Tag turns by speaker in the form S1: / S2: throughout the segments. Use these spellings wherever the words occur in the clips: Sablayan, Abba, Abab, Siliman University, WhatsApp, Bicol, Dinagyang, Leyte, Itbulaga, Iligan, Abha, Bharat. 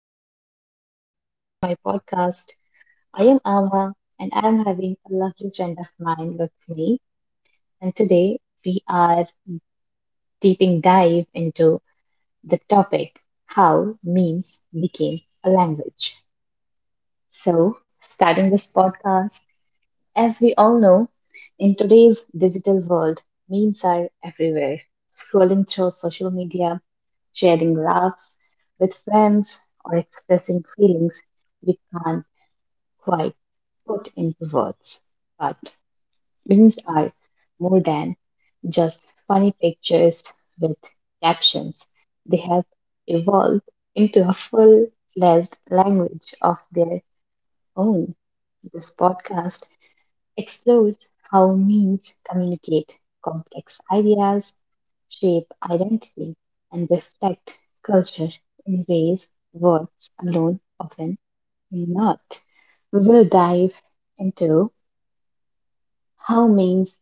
S1: Listeners. Welcome to my podcast. I am Ava, and I am having a lovely friend of mine with me. And today we are deeping dive into the topic how memes became a language. So, starting this podcast, as we all know, in today's digital world, memes are everywhere. Scrolling through social media, sharing laughs with friends, or expressing feelings we can't quite put into words. But memes are more than just funny pictures with captions, they have evolved into a full fledged language of their own. This podcast explores how memes communicate complex ideas, shape identity, and reflect culture in ways words alone often may not. We will dive into how memes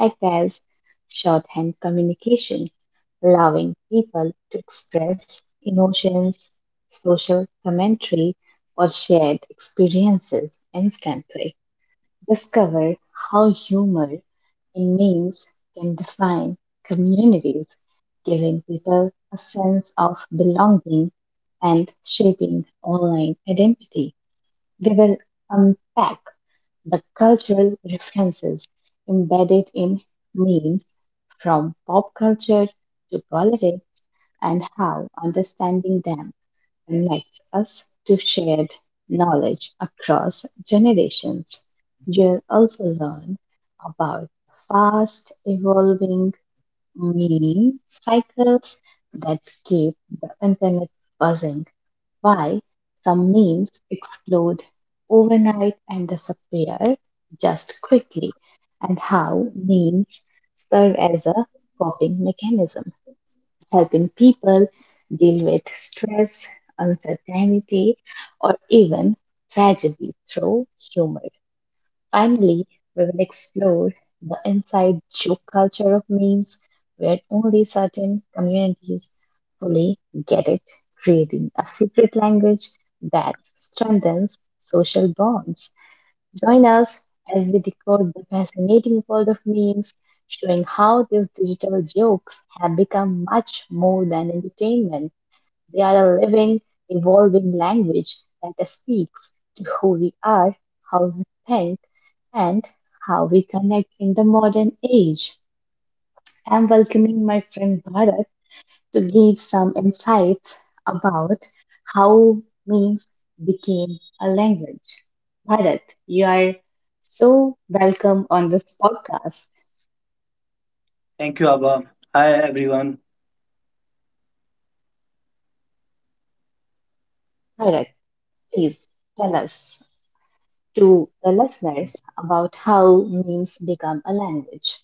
S1: act as shorthand communication, allowing people to express emotions, social commentary, or shared experiences instantly. Discover how humor in memes can define communities, giving people a sense of belonging and shaping online identity. We will unpack the cultural references embedded in memes from pop culture to politics and how understanding them connects us to shared knowledge across generations. You'll also learn about fast evolving meme cycles that keep the internet buzzing, why some memes explode overnight and disappear just quickly, and how memes serve as a coping mechanism, helping people deal with stress, uncertainty, or even tragedy through humor. Finally, we will explore the inside joke culture of memes, where only certain communities fully get it, creating a secret language that strengthens social bonds. Join us as we decode the fascinating world of memes, showing how these digital jokes have become much more than entertainment. They are a living, evolving language that speaks to who we are, how we think, and how we connect in the modern age. I'm welcoming my friend Bharat to give some insights about how memes became a language. Bharat, you are so welcome on this podcast.
S2: Thank you, Abba. Hi, everyone.
S1: Bharat, please tell us to the listeners about how memes become a language.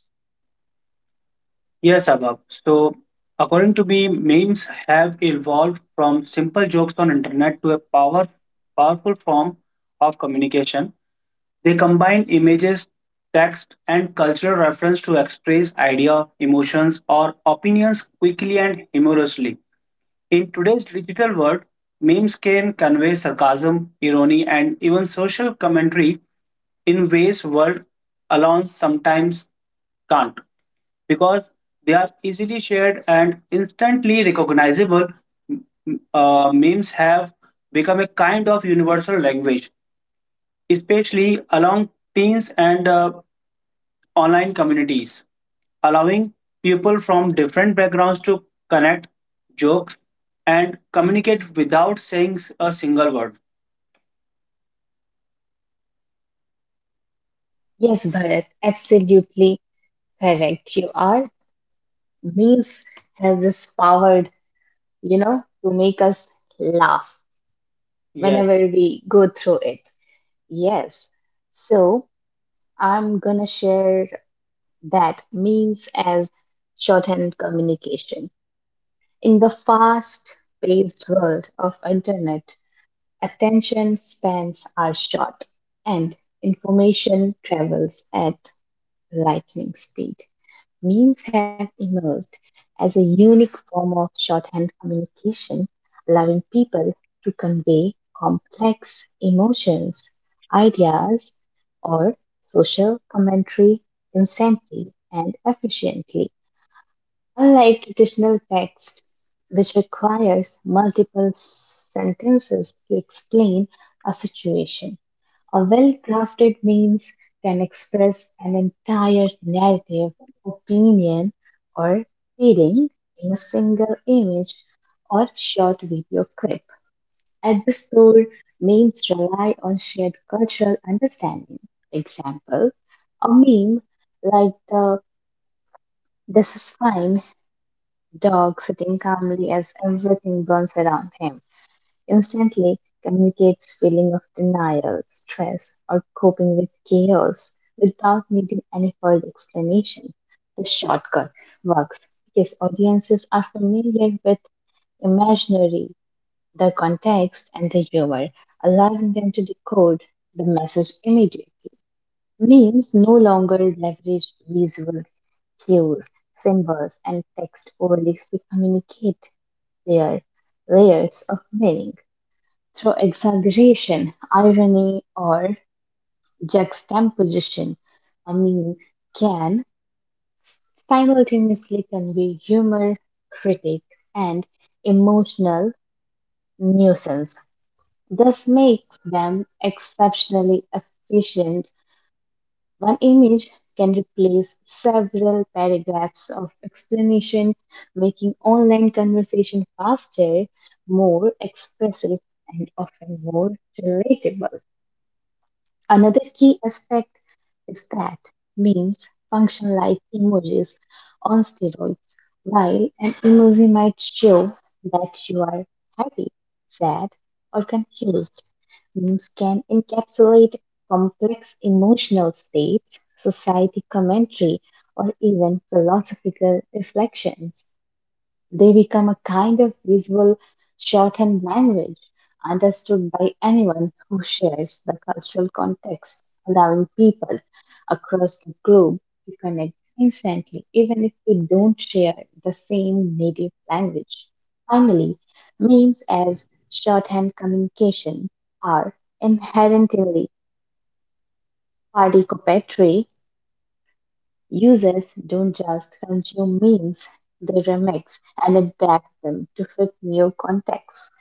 S2: Yes, Abba. According to me, memes have evolved from simple jokes on internet to a powerful form of communication. They combine images, text, and cultural reference to express idea, emotions, or opinions quickly and humorously. In today's digital world, memes can convey sarcasm, irony, and even social commentary in ways words alone sometimes can't because they are easily shared and instantly recognizable. Memes have become a kind of universal language, especially along teens and online communities, allowing people from different backgrounds to connect, jokes, and communicate without saying a single word.
S1: Yes, Bharat, absolutely correct. You are. Memes has this power, you know, to make us laugh whenever
S2: Yes,
S1: we go through it. Yes. So I'm gonna share that memes as shorthand communication. In the fast-paced world of internet, attention spans are short and information travels at lightning speed. Memes have emerged as a unique form of shorthand communication, allowing people to convey complex emotions, ideas, or social commentary instantly and efficiently. Unlike traditional text, which requires multiple sentences to explain a situation. A well crafted memes can express an entire narrative, opinion, or feeling in a single image or short video clip. At the store, memes rely on shared cultural understanding. Example, a meme like the this is fine dog sitting calmly as everything burns around him instantly communicates feeling of denial, stress, or coping with chaos without needing any further explanation. The shortcut works because audiences are familiar with imaginary, the context, and the humor, allowing them to decode the message immediately. Memes no longer leverage visual cues, symbols, and text overlays to communicate their layers of meaning through exaggeration, irony, or juxtaposition. I mean, can simultaneously convey humor, critique, and emotional nuisance. This makes them exceptionally efficient. One image can replace several paragraphs of explanation, making online conversation faster, more expressive, and often more relatable. Another key aspect is that memes function like emojis on steroids. While an emoji might show that you are happy, sad, or confused, memes can encapsulate complex emotional states, society commentary, or even philosophical reflections. They become a kind of visual shorthand language understood by anyone who shares the cultural context, allowing people across the globe to connect instantly, even if we don't share the same native language. Finally, memes as shorthand communication are inherently participatory. Users don't just consume memes, they remix and adapt them to fit new contexts.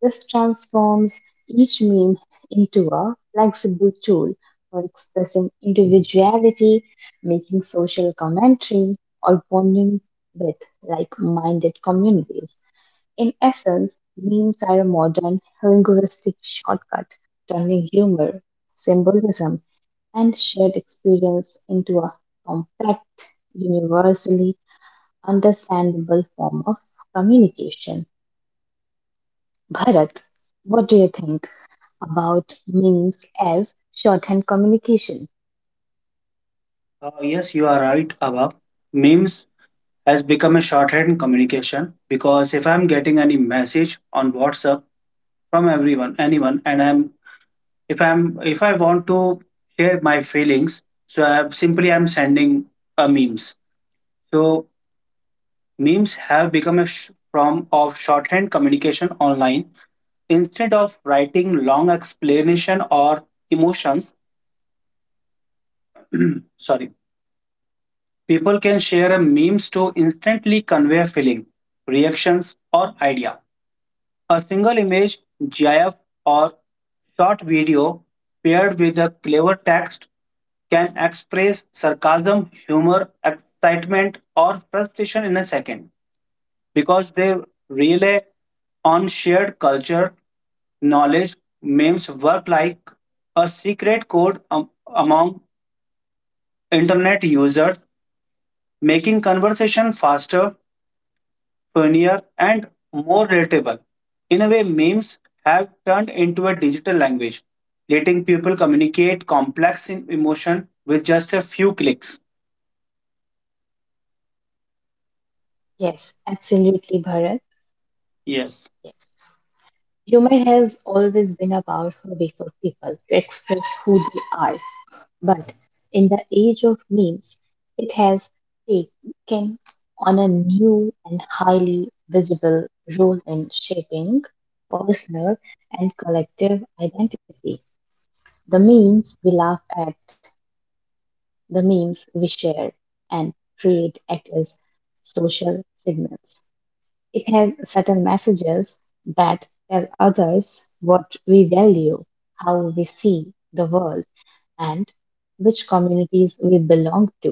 S1: This transforms each meme into a flexible tool for expressing individuality, making social commentary, or bonding with like minded communities. In essence, memes are a modern linguistic shortcut, turning humor, symbolism, and shared experience into a compact, universally understandable form of communication. Bharat, what do you think about memes as shorthand communication?
S2: yes, you are right, Abab. Memes has become a shorthand communication because if I'm getting any message on WhatsApp from everyone, anyone, and I'm if I want to share my feelings, so I simply I'm sending a memes. So memes have become a form of shorthand communication online. Instead of writing long explanation or emotions, sorry, people can share a memes to instantly convey a feeling, reactions, or idea. A single image, GIF, or short video paired with a clever text can express sarcasm, humor, excitement, or frustration in a second, because they rely on shared culture, knowledge. Memes work like a secret code among internet users, making conversation faster, funnier, and more relatable. In a way, memes have turned into a digital language, letting people communicate complex emotion with just a few clicks.
S1: Yes, absolutely, Bharat.
S2: Yes.
S1: Yes. Humor has always been a powerful way for people to express who they are. But in the age of memes, it has taken on a new and highly visible role in shaping personal and collective identity. The memes we laugh at, the memes we share and create act as social signals. It has subtle messages that tell others what we value, how we see the world, and which communities we belong to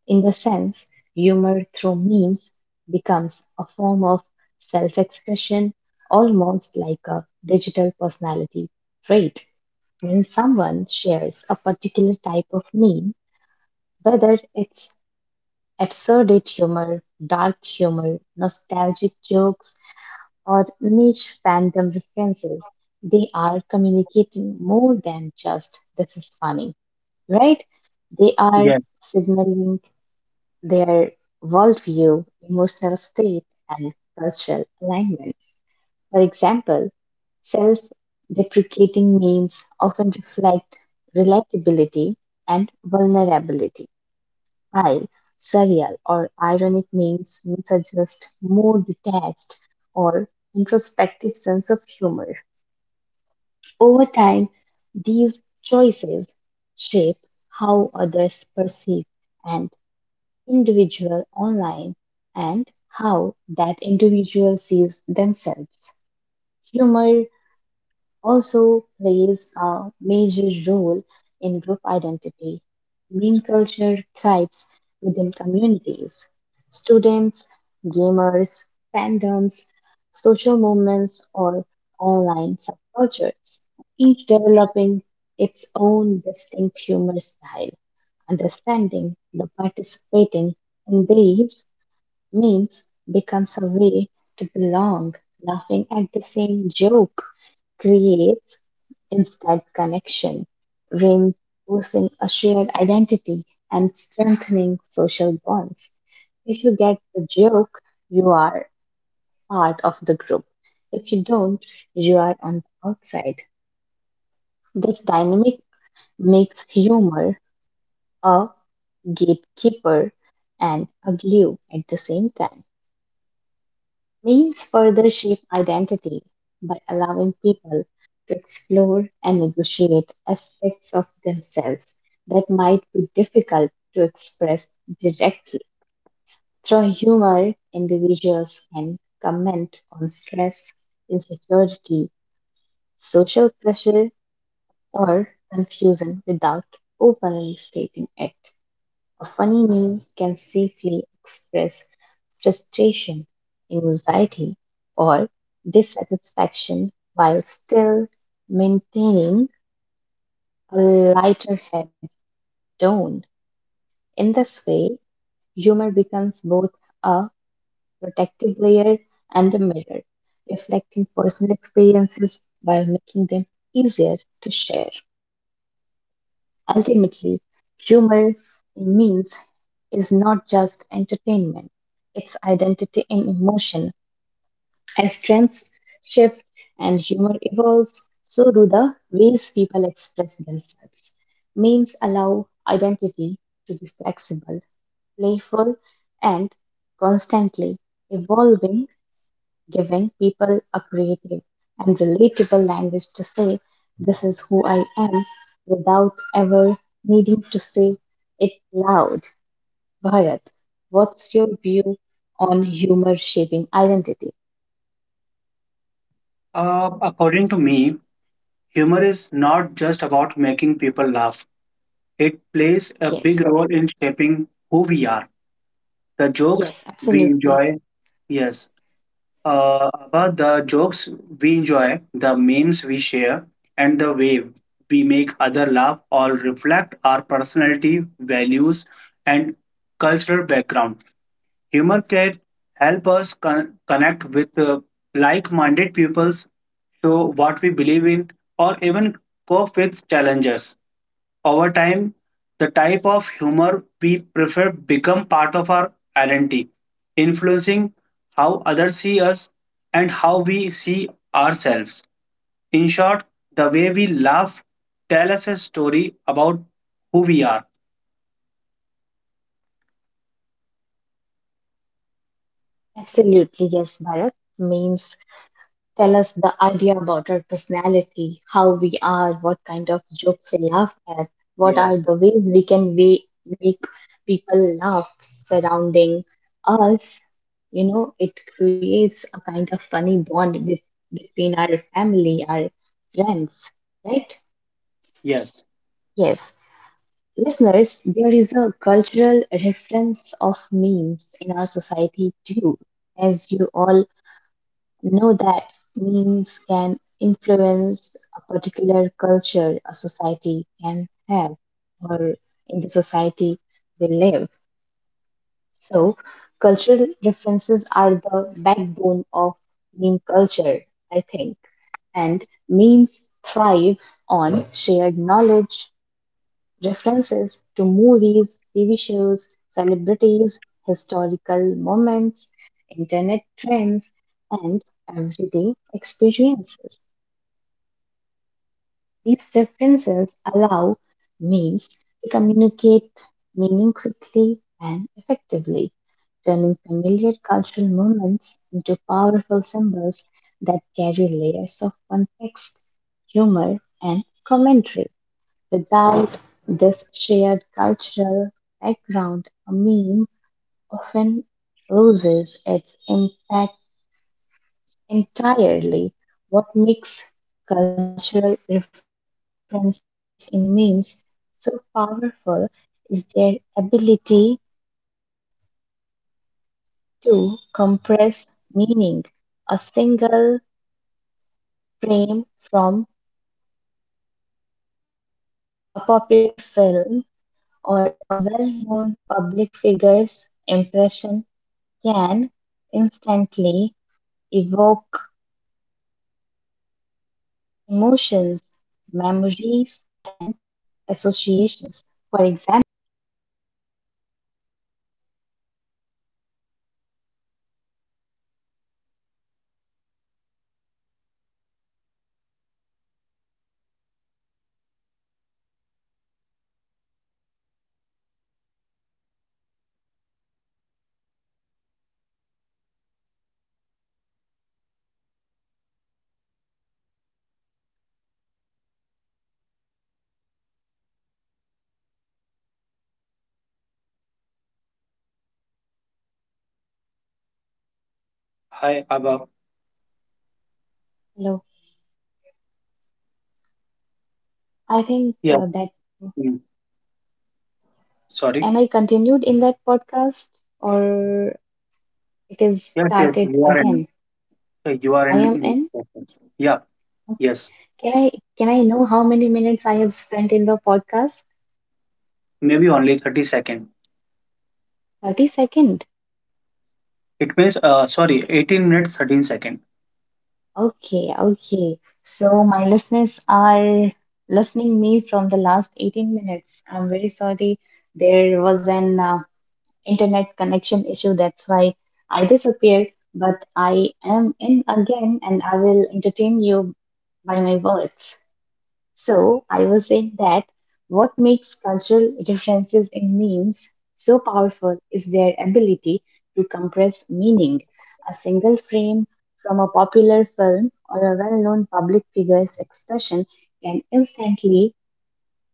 S1: in the sense, humor through memes becomes a form of self expression, almost like a digital personality trait. When someone shares a particular type of meme, whether it's absurdate humor, dark humor, nostalgic jokes, or niche fandom references, they are communicating more than just this is funny, right? They are
S2: Yes.
S1: signaling their worldview, emotional state, and cultural alignment. For example, self deprecating memes often reflect relatability and vulnerability, while surreal or ironic memes may suggest more detached or introspective sense of humor. Over time, these choices shape how others perceive and individual online and how that individual sees themselves. Humor also plays a major role in group identity. Meme culture thrives within communities. Students, gamers, fandoms, social movements, or online subcultures, each developing its own distinct humor style. Understanding the participating in these memes becomes a way to belong. Laughing at the same joke creates instant connection, reinforcing a shared identity and strengthening social bonds. If you get the joke, you are part of the group. If you don't, you are on the outside. This dynamic makes humor a gatekeeper and a glue at the same time. Memes further shape identity by allowing people to explore and negotiate aspects of themselves that might be difficult to express directly. Through humor, individuals can comment on stress, insecurity, social pressure, or confusion without openly stating it. A funny meme can safely express frustration, anxiety, or dissatisfaction while still maintaining a lighter head tone. In this way, humor becomes both a protective layer and a mirror, reflecting personal experiences while making them easier to share. Ultimately, humor in memes is not just entertainment, it's identity in emotion. As trends shift and humor evolves, so do the ways people express themselves. Memes allow identity to be flexible, playful, and constantly evolving, giving people a creative and relatable language to say, "This is who I am," without ever needing to say it loud. Bharat, what's your view on humor shaping identity?
S2: According to me, humor is not just about making people laugh. It plays a big
S1: Yes,
S2: role in shaping who we are, the jokes
S1: yes,
S2: we
S1: Absolutely.
S2: enjoy. Yes, about the jokes we enjoy, the memes we share, and the way we make other laugh all reflect our personality, values, and cultural background. Humor can help us connect with like minded pupils, show what we believe in, or even cope with challenges. Over time, the type of humor we prefer become part of our identity, influencing how others see us and how we see ourselves. In short, the way we laugh tell us a story about who we are.
S1: Absolutely, yes, Bharat. Memes tell us the idea about our personality, how we are, what kind of jokes we laugh at, what are
S2: Yes.
S1: the ways we make people laugh surrounding us. You know, it creates a kind of funny bond with, between our family, our friends, right?
S2: Yes.
S1: Yes. Listeners, there is a cultural reference of memes in our society too. As you all know that memes can influence a particular culture a society can have or in the society we live. So, cultural differences are the backbone of meme culture, I think. And memes thrive on shared knowledge, references to movies, TV shows, celebrities, historical moments, internet trends, and everyday experiences. These references allow memes to communicate meaning quickly and effectively, turning familiar cultural moments into powerful symbols that carry layers of context, humor, and commentary. Without this shared cultural background, a meme often loses its impact entirely. What makes cultural reference in memes so powerful is their ability to compress meaning. A single frame from a popular film or a well known public figure's impression can instantly evoke emotions, memories, and associations. For example, a meme referencing a
S2: Hi, Abab.
S1: Hello. I think
S2: Yes.
S1: that
S2: Sorry.
S1: am I continued in that podcast or it is
S2: Yes,
S1: started
S2: you are in.
S1: again?
S2: You are
S1: I
S2: in.
S1: am
S2: In
S1: in.
S2: seconds. Yeah,
S1: Okay.
S2: yes.
S1: Can I can I know how many minutes I have spent in the podcast?
S2: Maybe only 30 second.
S1: 30 second.
S2: It means, sorry, 18 minutes, 13 second.
S1: Okay, okay. So my listeners are listening me from the last 18 minutes. I'm very sorry there was an internet connection issue. That's why I disappeared. But I am in again and I will entertain you by my words. So I was saying that what makes cultural differences in memes so powerful is their ability to compress meaning. A single frame from a popular film or a well known public figure's expression can instantly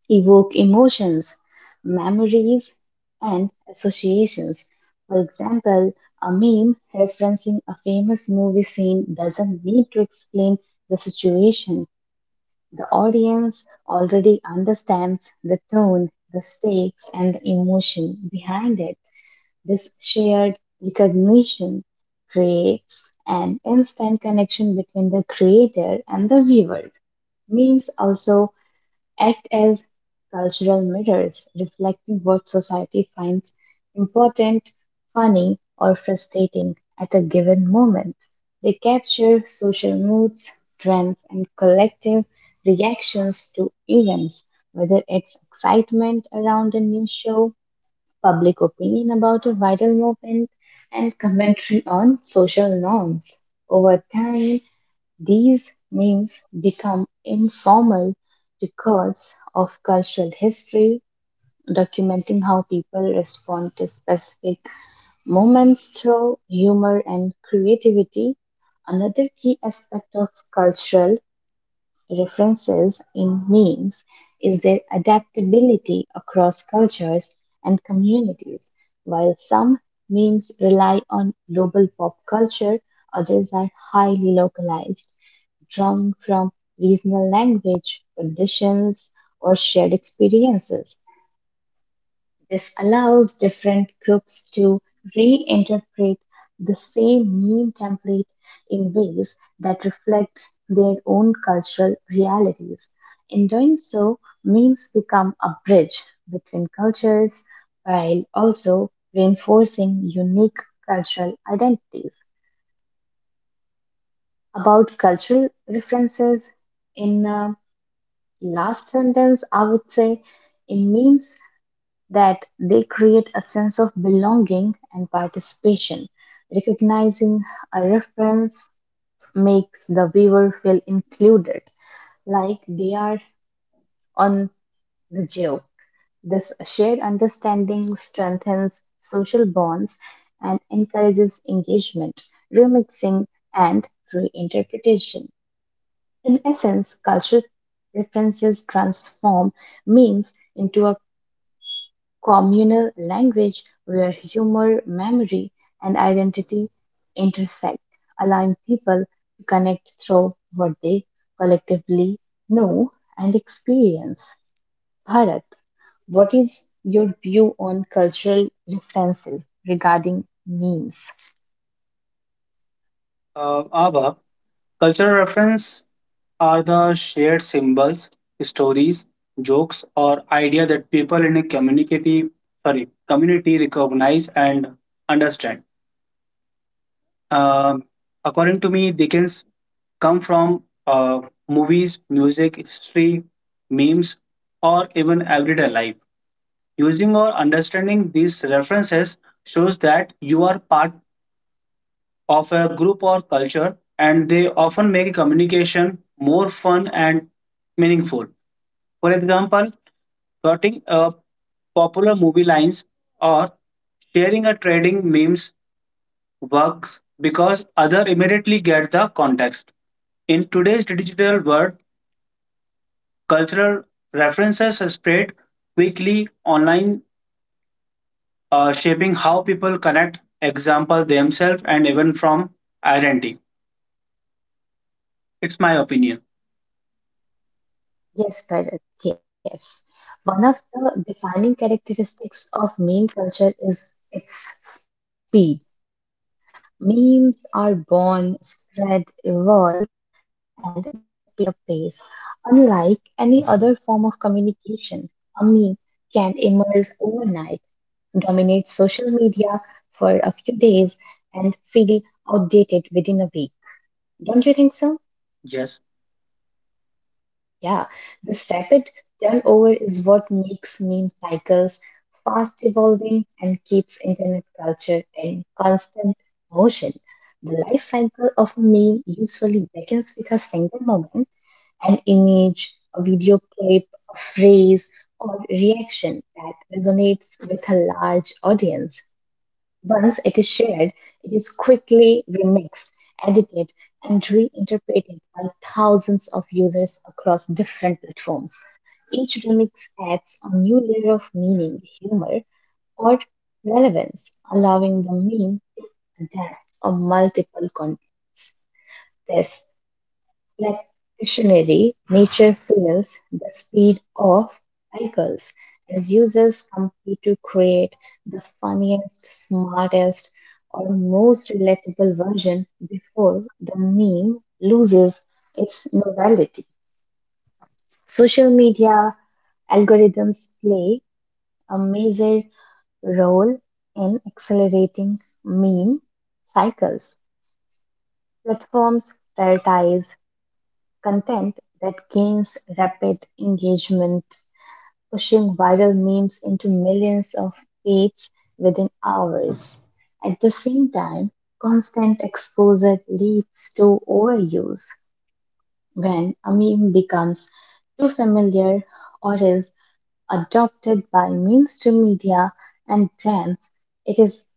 S1: evoke emotions, memories, and associations. For example, a meme referencing a famous movie scene doesn't need to explain the situation. The audience already understands the tone, the stakes, and the emotion behind it. This shared recognition creates an instant connection between the creator and the viewer. Memes also act as cultural mirrors, reflecting what society finds important, funny, or frustrating at a given moment. They capture social moods, trends, and collective reactions to events, whether it's excitement around a new show, public opinion about a vital movement, and commentary on social norms. Over time, these names become informal records of cultural history, documenting how people respond to specific moments through humor and creativity. Another key aspect of cultural references in memes is their adaptability across cultures and communities. While some memes rely on global pop culture, others are highly localized drawn from regional language, traditions, or shared experiences. This allows different groups to reinterpret the same meme template in ways that reflect their own cultural realities. In doing so, memes become a bridge between cultures while also reinforcing unique cultural identities. About cultural references in last sentence, I would say in memes that they create a sense of belonging and participation. Recognizing a reference makes the viewer feel included, like they are on the joke. This shared understanding strengthens social bonds and encourages engagement, remixing, and reinterpretation. In essence, cultural references transform memes into a communal language where humor, memory, and identity intersect, allowing people to connect through what they collectively know and experience. Bharat, what is your view on cultural references regarding memes?
S2: Abha, cultural reference are the shared symbols, stories, jokes, or idea that people in a community, sorry, community recognize and understand. Um, According to me, Dickens come from movies, music, history, memes, or even everyday life. Using or understanding these references shows that you are part of a group or culture, and they often make communication more fun and meaningful. For example, quoting a popular movie lines or sharing or trading memes works because other immediately get the context. In today's digital world, cultural references spread quickly online, shaping how people connect, example themselves, and even from identity. It's my opinion.
S1: Yes, Bharat, yes. One of the defining characteristics of meme culture is its speed. Memes are born, spread, evolve, and disappear at a pace unlike any other communication. A meme can emerge overnight, dominate social media for a few days, and feel outdated within a week. Don't so?
S2: Yes.
S1: Yeah, this rapid turnover is what makes meme cycles fast evolving and keeps internet culture in constant motion. The life cycle of a meme usually begins with a single moment, an image, a video clip, a phrase, or reaction that resonates with a large audience. Once it is shared, it is quickly remixed, edited, and reinterpreted by thousands of users across different platforms. Each remix adds layer of meaning, humor, or relevance, allowing the meme to adapt on multiple contexts. Like stationary, nature feels the speed of cycles as users compete to create the funniest, smartest, or most relatable version before the meme loses its novelty. Social media algorithms play a major role in accelerating meme cycles. Platforms prioritize content that gains rapid engagement, pushing viral memes into millions of feeds within hours. At the same time, constant exposure leads to overuse. When a meme becomes too familiar or is adopted by mainstream media and brands, it is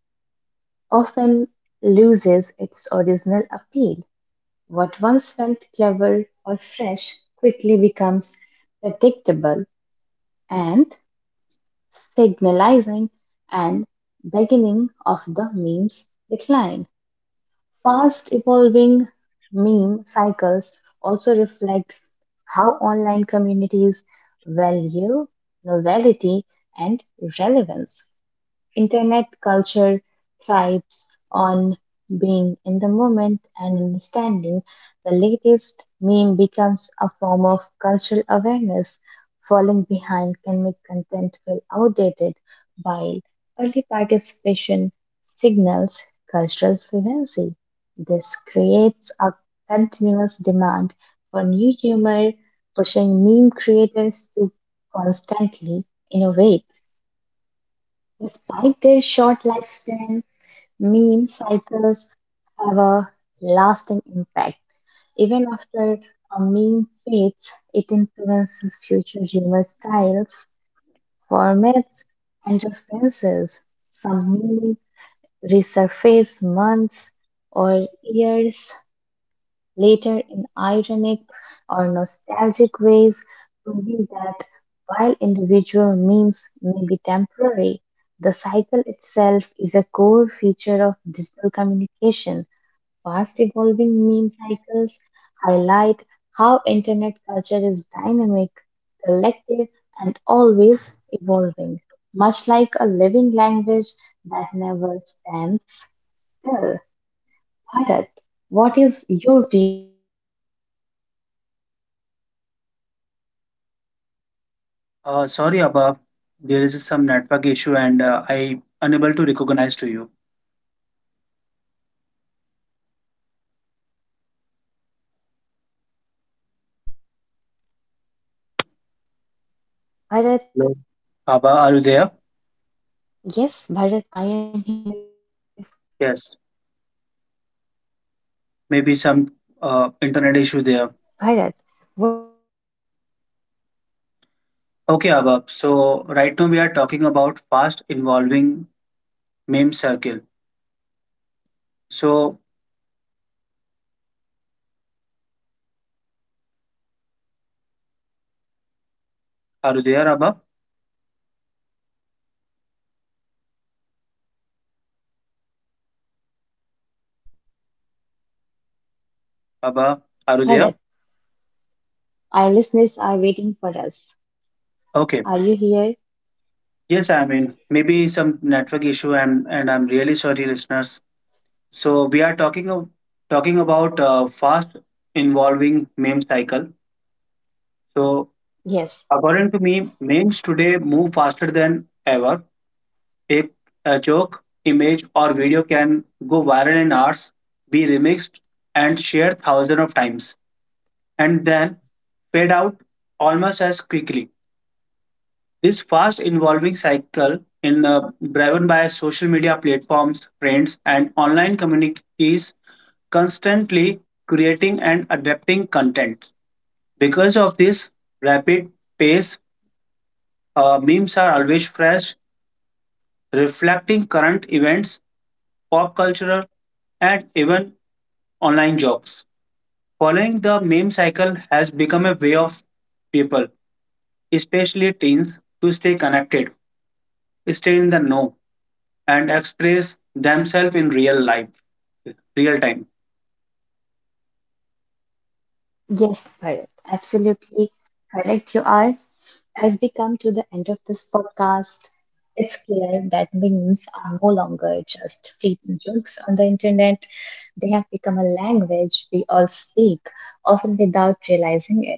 S1: often loses its original appeal. What once felt clever or fresh quickly becomes predictable and signalizing and beginning of the meme's decline. Fast evolving meme cycles also reflect how online communities value novelty and relevance. Internet culture thrives on being in the moment and understanding the latest meme becomes a form of cultural awareness. Falling behind can make content feel outdated, while early participation signals cultural fluency. This creates a continuous demand for new humor, pushing meme creators to constantly innovate. Despite their short lifespan, meme cycles have a lasting impact. Even after a meme fades, it influences future humor styles, formats, and references. Some memes resurface months or years later in ironic or nostalgic ways, proving that while individual memes may be temporary, the cycle itself is a core feature of digital communication. Fast evolving meme cycles highlight how internet culture is dynamic, collective, and always evolving, much like a living language that never stands still. Bharat, what is your view on fast evolving meme cycles?
S2: Sorry, Abba. There is some network
S1: Bharat?
S2: issue, and I unable to recognize to you.
S1: Hello, Bharat. Bharat,
S2: Hello. Abba, are you there?
S1: yes, Bharat, I am here.
S2: Yes.
S1: Bharat, what is your view on fast
S2: Maybe some
S1: evolving meme
S2: internet
S1: cycles?
S2: issue there. Okay, Abab. So right now we are talking about past involving meme circle. So are you there, Abab?
S1: Yes, Bharat, I can hear you.
S2: Abab, are you
S1: Bharat,
S2: there?
S1: our listeners are waiting for us. Are
S2: Okay.
S1: you here?
S2: Yes, I mean maybe some network issue, and I'm really sorry, listeners. So we are talking about fast involving meme cycle. So
S1: Yes,
S2: according to me, memes today move faster than ever. A, a joke, image, or video can go viral in hours, be remixed, and shared thousands of times, and then fade out almost as quickly. This fast evolving cycle in driven by social media platforms, trends, and online communities constantly creating and adapting content. Because of this rapid pace, memes are always fresh, reflecting current events, pop culture, and even online jokes. Following the meme cycle has become a way of people especially teens, to stay connected, stay in the know, and express themselves in real life, real time.
S1: yes, Bharat, absolutely correct you are. As we come to the end of this podcast, it's clear that memes are no longer just fleeting jokes on the internet. They have become a language we all speak, often without realizing it.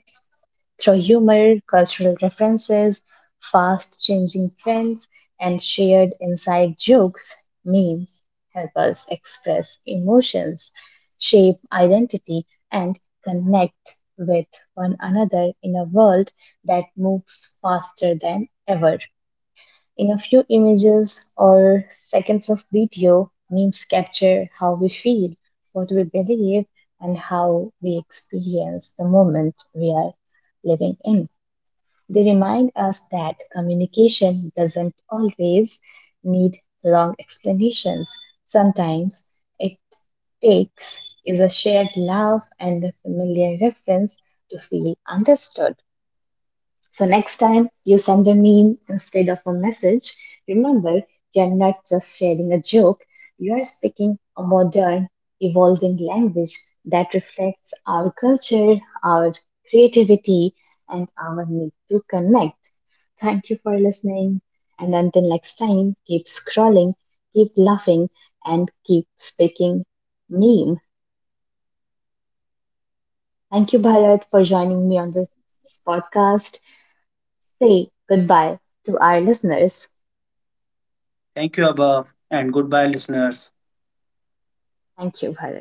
S1: Through humor, cultural references, fast changing trends, and shared inside jokes, memes help us express emotions, shape identity, and connect with one another in a world that moves faster than ever. In a few images or seconds of video, names capture how we feel, we believe, and how we experience the moment we are living in. They remind us that communication doesn't always need long explanations. Sometimes it takes a shared laugh and a familiar reference to feel understood. So next time you send a meme instead of a message, remember, you're not just sharing a joke, you are speaking a modern, evolving language that reflects our culture, our creativity, and our need to connect. Thank you for listening. And until next time, keep scrolling, keep laughing, and keep speaking meme. Thank you, Bharat, for joining me on this podcast. Say goodbye to our listeners.
S2: Thank you, Abha, and goodbye, listeners.
S1: Thank you, Bharat.